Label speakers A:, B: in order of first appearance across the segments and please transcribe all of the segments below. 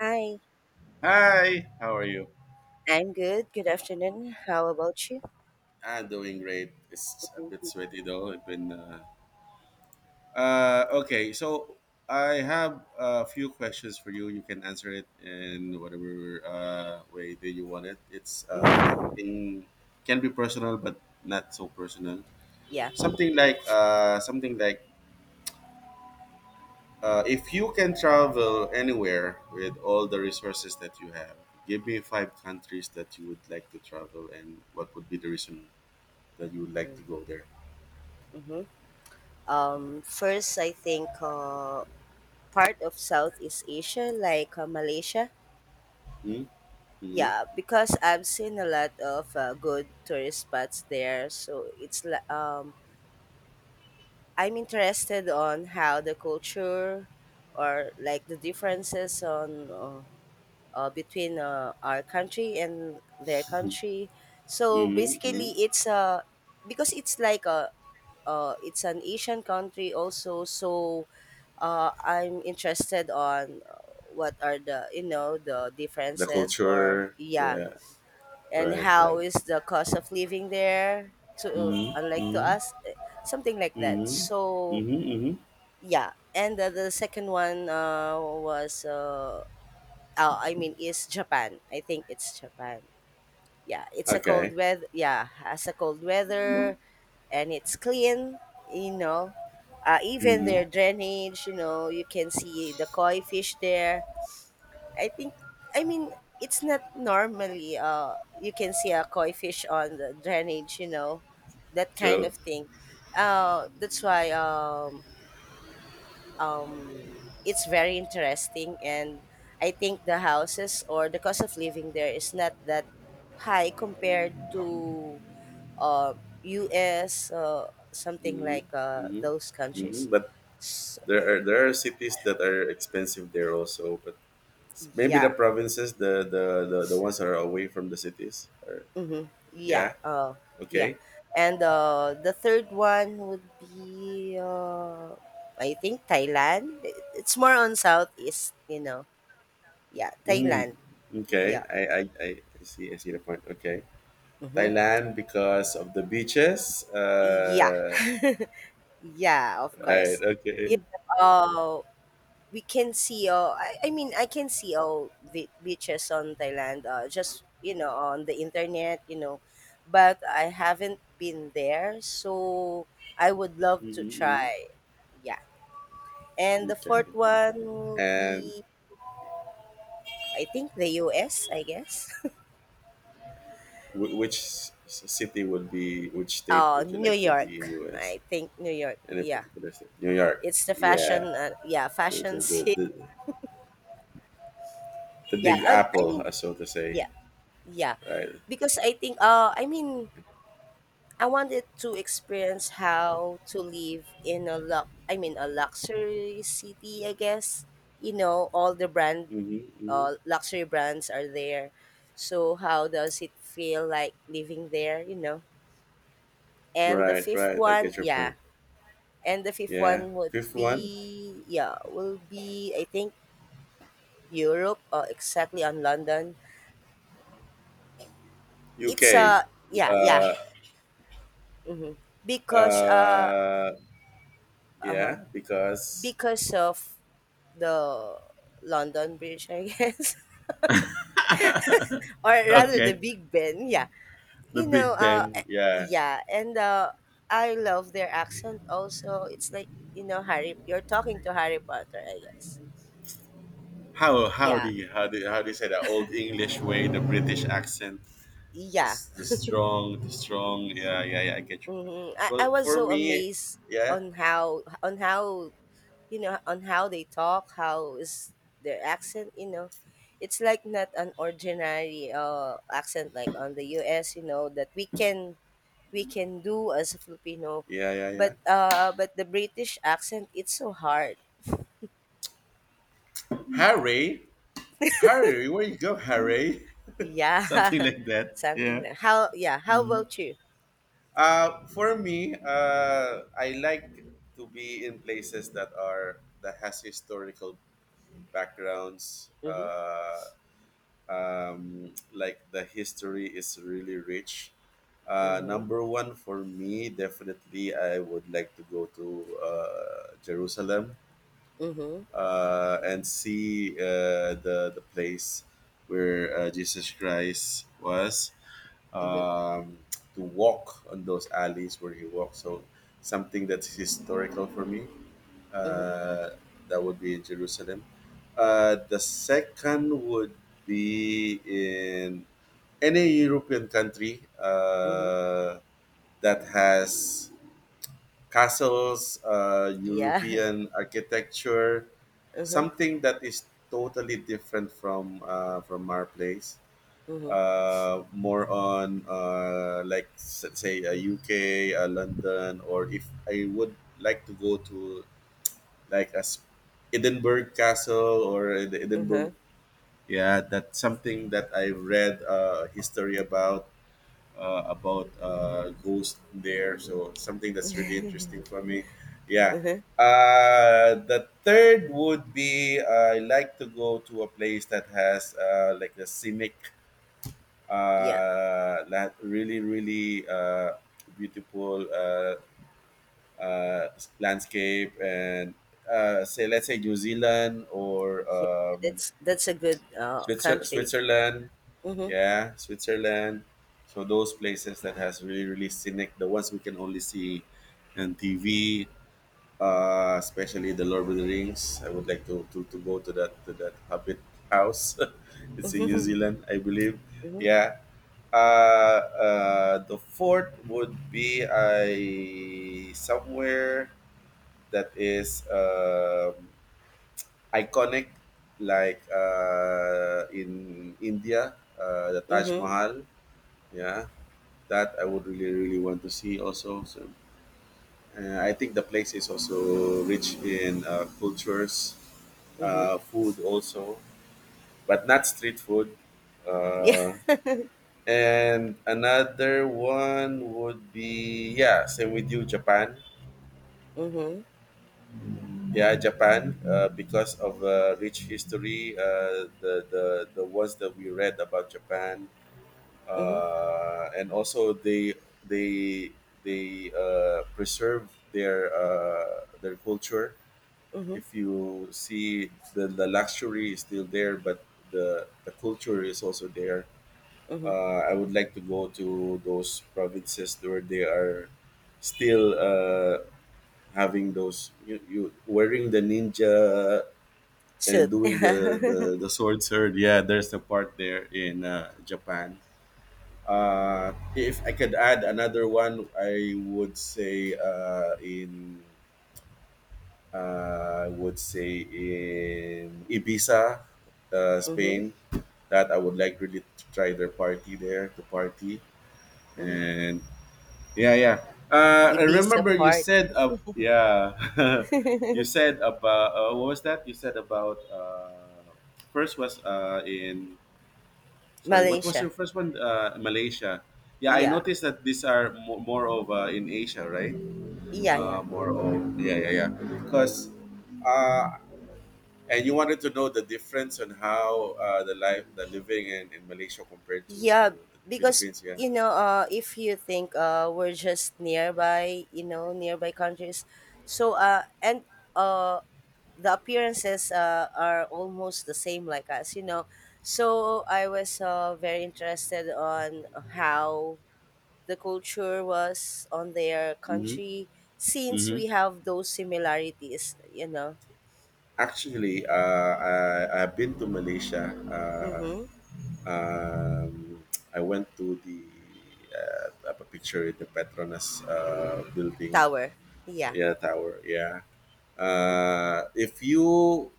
A: Hi,
B: Hi, how are you?
A: I'm good. Good afternoon. How about you?
B: I'm doing great. It's a bit
A: Mhm.
B: sweaty though. I've been okay, so I have a few questions for you. You can answer it in whatever way that you want it. It's
A: Mhm.
B: everything can be personal, but not so personal.
A: Yeah.
B: Something like if you can travel anywhere with all the resources that you have, give me five countries that you would like to travel, and what would be the reason that you would like to go there.
A: Mm-hmm. First, I think part of Southeast Asia, like Malaysia.
B: Mm-hmm. Mm-hmm.
A: Yeah, because I've seen a lot of good tourist spots there, so I'm interested on how the culture or like the differences on between our country and their country. So
B: Mm-hmm.
A: basically, it's because it's like a it's an Asian country also. So I'm interested on what are the, you know, the
B: The
A: differences, or
B: culture.
A: yeah,
B: Yeah.
A: and
B: Right.
A: how
B: Right.
A: is the cost of living there to unlike to
B: Mm-hmm.
A: us, something like that.
B: Mm-hmm.
A: So
B: Mm-hmm. Mm-hmm.
A: yeah, and the second one was I mean is Japan. I think it's Japan. Yeah, it's a
B: Okay.
A: cold weather. Yeah, has a cold weather and it's clean. You know, even
B: Mm-hmm.
A: their drainage. You know, you can see the koi fish there. I think. I mean, it's not normally. You can see a koi fish on the drainage. You know, that kind
B: True.
A: of thing. That's why. Um, it's very interesting, and I think the houses or the cost of living there is not that high compared to uh, US, something
B: Mm-hmm.
A: like
B: Mm-hmm.
A: those
B: Mm-hmm.
A: countries.
B: But
A: S
B: there are cities that are expensive there also. But maybe the
A: yeah.
B: provinces, the ones that are away from the cities. Are,
A: Mm-hmm. Yeah.
B: yeah.
A: Yeah.
B: Okay.
A: And the third one would be, I think, Thailand. It's more on Southeast, you know. Yeah,
B: Mm.
A: Thailand.
B: Okay.
A: Yeah.
B: I see. I see the point. Okay.
A: Mm-hmm.
B: Thailand because of the beaches.
A: Yeah. Yeah, of
B: Right.
A: course. You
B: Okay.
A: know, we can see I can see all the beaches on Thailand just, you know, on the internet, you know. But I haven't been there, so I would love to
B: Mm-hmm,
A: try. Yeah, and the
B: okay.
A: fourth one will be,
B: And
A: I think, the US, I guess.
B: which city would be? Which state would you
A: New
B: like to be
A: York.
B: in U.S.?
A: I think New York.
B: Any
A: Yeah,
B: particular state? New York.
A: it's the
B: Yeah. Sure,
A: fashion
B: sure. The,
A: city.
B: the the
A: Yeah,
B: Big
A: and I
B: Apple,
A: mean,
B: so to say.
A: yeah, yeah,
B: Right.
A: because I think I wanted to experience how to live in a luxury city, I guess. You know, all the brand
B: Mm-hmm, mm-hmm.
A: luxury brands are there. So how does it feel like living there, you know? And the
B: Right.
A: fifth
B: Right. I
A: one,
B: get your
A: yeah.
B: point.
A: And the fifth
B: Yeah.
A: one
B: Fifth one.
A: will be, I think, Europe, or exactly on London. It's
B: U.K.
A: yeah, yeah.
B: Uh.
A: hmm Because uh
B: Uh.
A: uh
B: Yeah. Because.
A: because of the London Bridge, I guess, or rather the
B: okay.
A: Big Ben. Yeah,
B: The
A: you know,
B: Big Ben. Yeah.
A: yeah, and I love their accent. Also, it's like, you know, Harry. You're talking to Harry Potter, I guess.
B: How do
A: Yeah,
B: you how do you, how do you say that old English way, the British accent, the
A: yeah.
B: s- the strong, the strong. Yeah, yeah, yeah. I get your point.
A: I
B: Well,
A: was
B: for
A: so
B: me,
A: amazed
B: yeah,
A: on how, on how they talk. How is their accent? You know, it's like not an ordinary accent like on the U.S. You know that we can, do as a Filipino.
B: yeah, yeah, yeah.
A: But the British accent, it's so hard.
B: Harry, Harry, where you go, Harry? Something
A: Yeah.
B: like that.
A: Something
B: Yeah.
A: that how yeah, how
B: Mhm.
A: about you?
B: For me, I like to be in places that are that has historical backgrounds.
A: Mm-hmm.
B: Like the history is really rich.
A: Mm-hmm.
B: Number one for me, definitely, I would like to go to Jerusalem
A: Mm-hmm.
B: and see the place where Jesus Christ was.
A: Mm-hmm.
B: Um, to walk on those alleys where he walked, so something that's historical for me.
A: Mm-hmm.
B: Uh, that would be in Jerusalem. The second would be in any European country
A: Mm-hmm.
B: that has castles,
A: Yeah.
B: European architecture,
A: Mm-hmm.
B: something that is totally different from our place.
A: Mm-hmm.
B: More on like say a UK, London, or if I would like to go to like a Edinburgh Castle or the
A: Mm-hmm.
B: Edinburgh. Yeah, that's something that I read history about ghost there. So something that's really interesting for me. Yeah.
A: Mm-hmm.
B: The third would be I like to go to a place that has like a scenic,
A: Yeah.
B: really really beautiful uh, landscape and say let's say New Zealand or
A: Yeah. That's a good country.
B: Switzerland,
A: Mm-hmm.
B: yeah, Switzerland. So those places that has really really scenic, the ones we can only see on TV, especially the Lord of the Rings. I would like to, go to that Hobbit house. it's in New
A: Mm-hmm.
B: Zealand, I believe.
A: Mm-hmm.
B: Yeah. The fourth would be I somewhere that is iconic, like in India, the Taj
A: Mm-hmm.
B: Mahal. Yeah, that I would really, really want to see also. So, I think the place is also rich in cultures,
A: Mm-hmm.
B: food also, but not street food.
A: Yeah.
B: Uh, and another one would be yeah, same with you, Japan.
A: Mm-hmm.
B: Yeah, Japan, because of rich history, the ones that we read about Japan,
A: Mm-hmm.
B: and also they they preserve their culture.
A: Mm-hmm.
B: If you see the luxury is still there, but the culture is also there.
A: Mm-hmm.
B: I would like to go to those provinces where they are still having those you wearing the ninja and
A: Shoot.
B: doing the sword sword. Yeah, there's a part there in Japan. If I could add another one, I would say in I would say in Ibiza,
A: Mm-hmm. Mm-hmm.
B: Spain, that I would like really to try their party there, to party. And yeah, yeah. I
A: Ibiza
B: remember you
A: party.
B: said yeah, you said about what was that? You said about first was in sorry, what was
A: Malaysia.
B: your first one? Malaysia. Yeah, I
A: Yeah.
B: noticed that these are more of in Asia, right?
A: Yeah, yeah.
B: More of yeah, yeah, yeah. Because uh, and you wanted to know the difference on how the life, the living in Malaysia compared to
A: Yeah,
B: the
A: because,
B: Philippines. Yeah.
A: you know, if you think we're just nearby, you know, nearby countries. So and uh the appearances are almost the same like us, you know. So I was very interested on how the culture was on their
B: Mm-hmm.
A: country, since we have those similarities, you know.
B: Actually, I've been to Malaysia.
A: Mhm.
B: Um, I went to the up a picture in the Petronas building,
A: Tower. Yeah.
B: yeah, tower, yeah.
A: Mhm.
B: Uh, if you,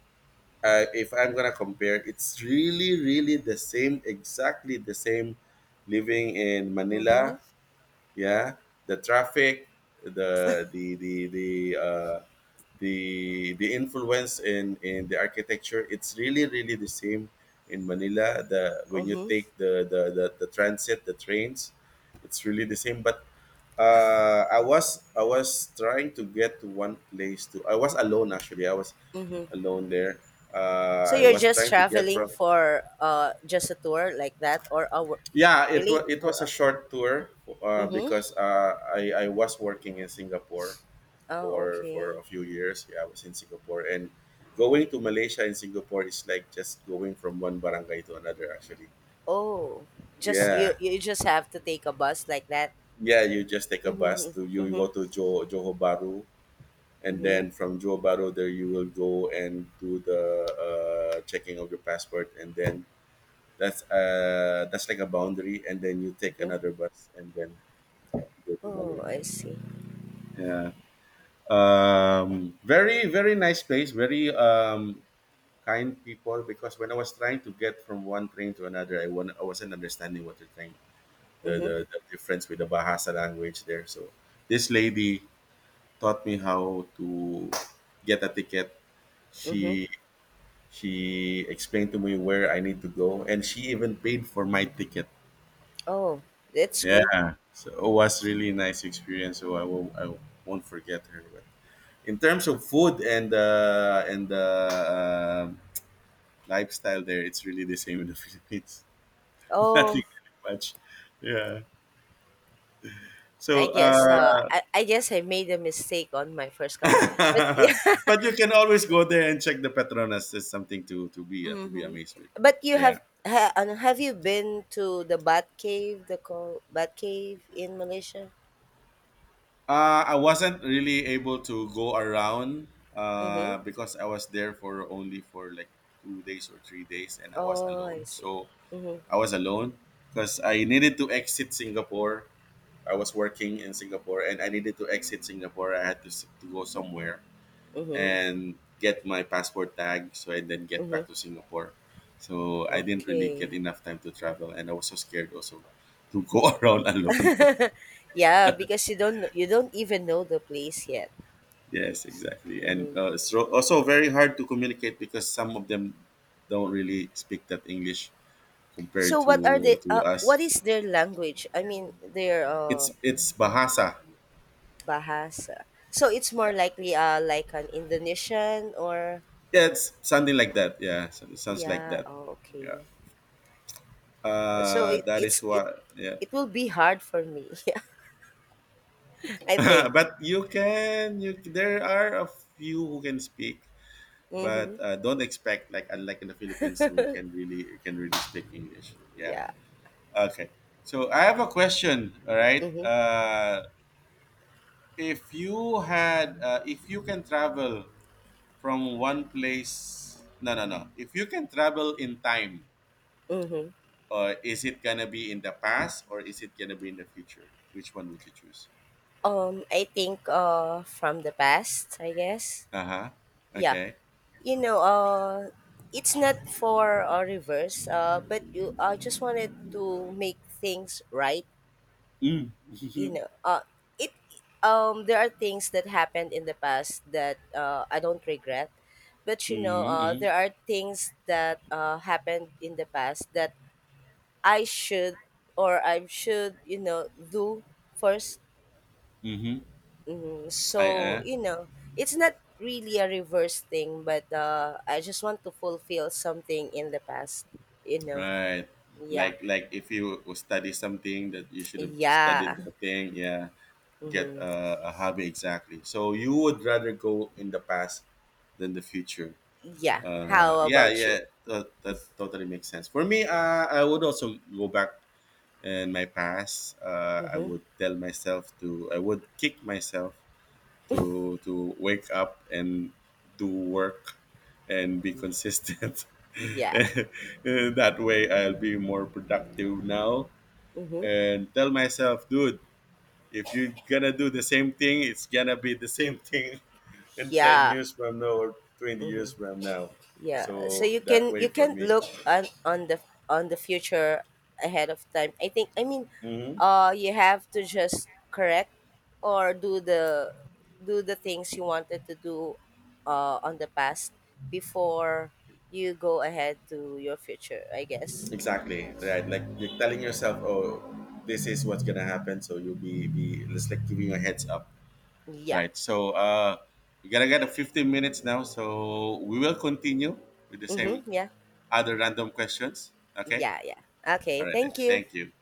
B: if I'm gonna compare, it's really, really the same, exactly the same, living in
A: Mhm.
B: Manila, yeah, the traffic, the the the the uh, the influence in the architecture. It's really really the same in Manila. The When you
A: Mhm.
B: take the transit, the trains, it's really the same. But I was trying to get to one place to. I was alone, actually.
A: Mhm.
B: Alone there
A: So
B: I
A: you're
B: was
A: just
B: trying to get
A: traveling
B: from,
A: for just a tour like that, or a
B: yeah, it was,
A: really,
B: it was a short tour.
A: mhm?
B: Because I was working in Singapore
A: Oh,
B: for
A: okay.
B: a few years. Yeah, I was in Singapore, and going to Malaysia and Singapore is like just going from one barangay to another. Actually,
A: Oh, just you
B: yeah,
A: you just have to take a bus like that.
B: yeah. You just take a bus
A: Mhm.
B: to. You go
A: Mhm.
B: to Johor Bahru, and
A: Mhm.
B: then from Johor Bahru there you will go and do the checking of your passport, and then that's like a boundary, and then you take
A: Mhm.
B: another bus and then go to
A: Oh,
B: Malaysia.
A: I see.
B: Yeah. Um, very very nice place, very kind people, because when I was trying to get from one train to another, I wasn't understanding what they're trying.
A: Mhm.
B: The difference with the Bahasa language there, so this lady taught me how to get a ticket.
A: Mhm.
B: she she explained to me where I need to go, and she even paid for my ticket.
A: Oh, that's good.
B: Yeah, so it was really nice experience, so I won't forget her. But in terms of food and lifestyle there, it's really the same in the Philippines. nothing
A: Oh,
B: really much, yeah, so
A: I guess I made a mistake on my first country. But yeah.
B: but you can always go there and check the Petronas. There's something to be to be
A: Mhm.
B: amazed with.
A: But you
B: Yeah.
A: have ha, ano, have you been to the Bat Cave, the Bat Cave in Malaysia?
B: I wasn't really able to go around,
A: Mhm.
B: because I was there for only for like 2 days or 3 days, and I was
A: Oh, I
B: alone,
A: see.
B: so
A: Mhm.
B: I was alone because I needed to exit Singapore. I was working in Singapore and I needed to exit Singapore. I had to, to go somewhere
A: Mhm.
B: and get my passport tag, so I then get
A: Mhm.
B: back to Singapore. So I didn't really get
A: Okay.
B: enough time to travel, and I was so scared also to go around alone.
A: Yeah, because you don't know, you don't even know the place yet.
B: Yes, exactly. And
A: Mhm.
B: so also very hard to communicate because some of them don't really speak that English compared
A: So
B: to us.
A: what is their language? I mean, their
B: It's Bahasa.
A: bahasa. So it's more
B: Yeah.
A: likely like an Indonesian, or
B: Yeah, it's something like that. Yeah, sounds like
A: yeah,
B: that.
A: oh, okay.
B: Yeah.
A: So it,
B: That
A: it's
B: is
A: it
B: what, yeah.
A: it will be hard for me. I think.
B: but you can, you there are a few who can speak,
A: Mhm.
B: but don't expect like unlike in the Philippines who can really speak English. Yeah.
A: Yeah.
B: Okay. So I have a question. All right.
A: Mhm.
B: If you can travel from one place, no, no, no. If you can travel in time,
A: Mhm.
B: is it gonna be in the past or is it gonna be in the future? Which one would you choose?
A: I think from the past, I guess.
B: Uh huh.
A: Yeah.
B: Okay.
A: You know, it's not for reverse, but you just wanted to make things right,
B: Mm.
A: you know. It There are things that happened in the past that I don't regret. But, you know,
B: mm-hmm.
A: there are things that happened in the past that I should, or I should, you know, do first.
B: Mm-hmm.
A: Mm,
B: I
A: so, you know, it's not really a reverse thing, but I just want to fulfill something in the past, you know.
B: right.
A: Yeah.
B: Like if you study something that you should have studied
A: Yeah.
B: the thing, yeah, get
A: hmm
B: a hobby exactly. So you would rather go in the past than the future.
A: Yeah. How
B: Yeah,
A: about you?
B: yeah, that, that totally makes sense. For me, I would also go back in my past. I
A: Mm-hmm.
B: would tell myself to, I would kick myself to wake up and do work and be consistent.
A: Yeah.
B: that way I'll be more productive now,
A: Mm-hmm.
B: and tell myself, dude, if you're gonna do the same thing, it's gonna be the same thing in 10
A: Yeah.
B: years from now or 20 years from now.
A: Yeah, so
B: So
A: you
B: that
A: can,
B: way for me.
A: look on the future ahead of time. I think, I mean,
B: Hmm.
A: you have to just correct, or do the things you wanted to do, on the past, before you go ahead to your future. I guess.
B: Exactly. Right. Like you're telling yourself, oh, this is what's gonna happen. So you'll be it's like giving you a heads up.
A: Yeah.
B: Right. So we gotta get a 15 minutes now. So we will continue with the same
A: Mm-hmm. Yeah.
B: other random questions. Okay.
A: Yeah. Yeah. Okay.
B: All right. Then.
A: Thank you.
B: Thank you.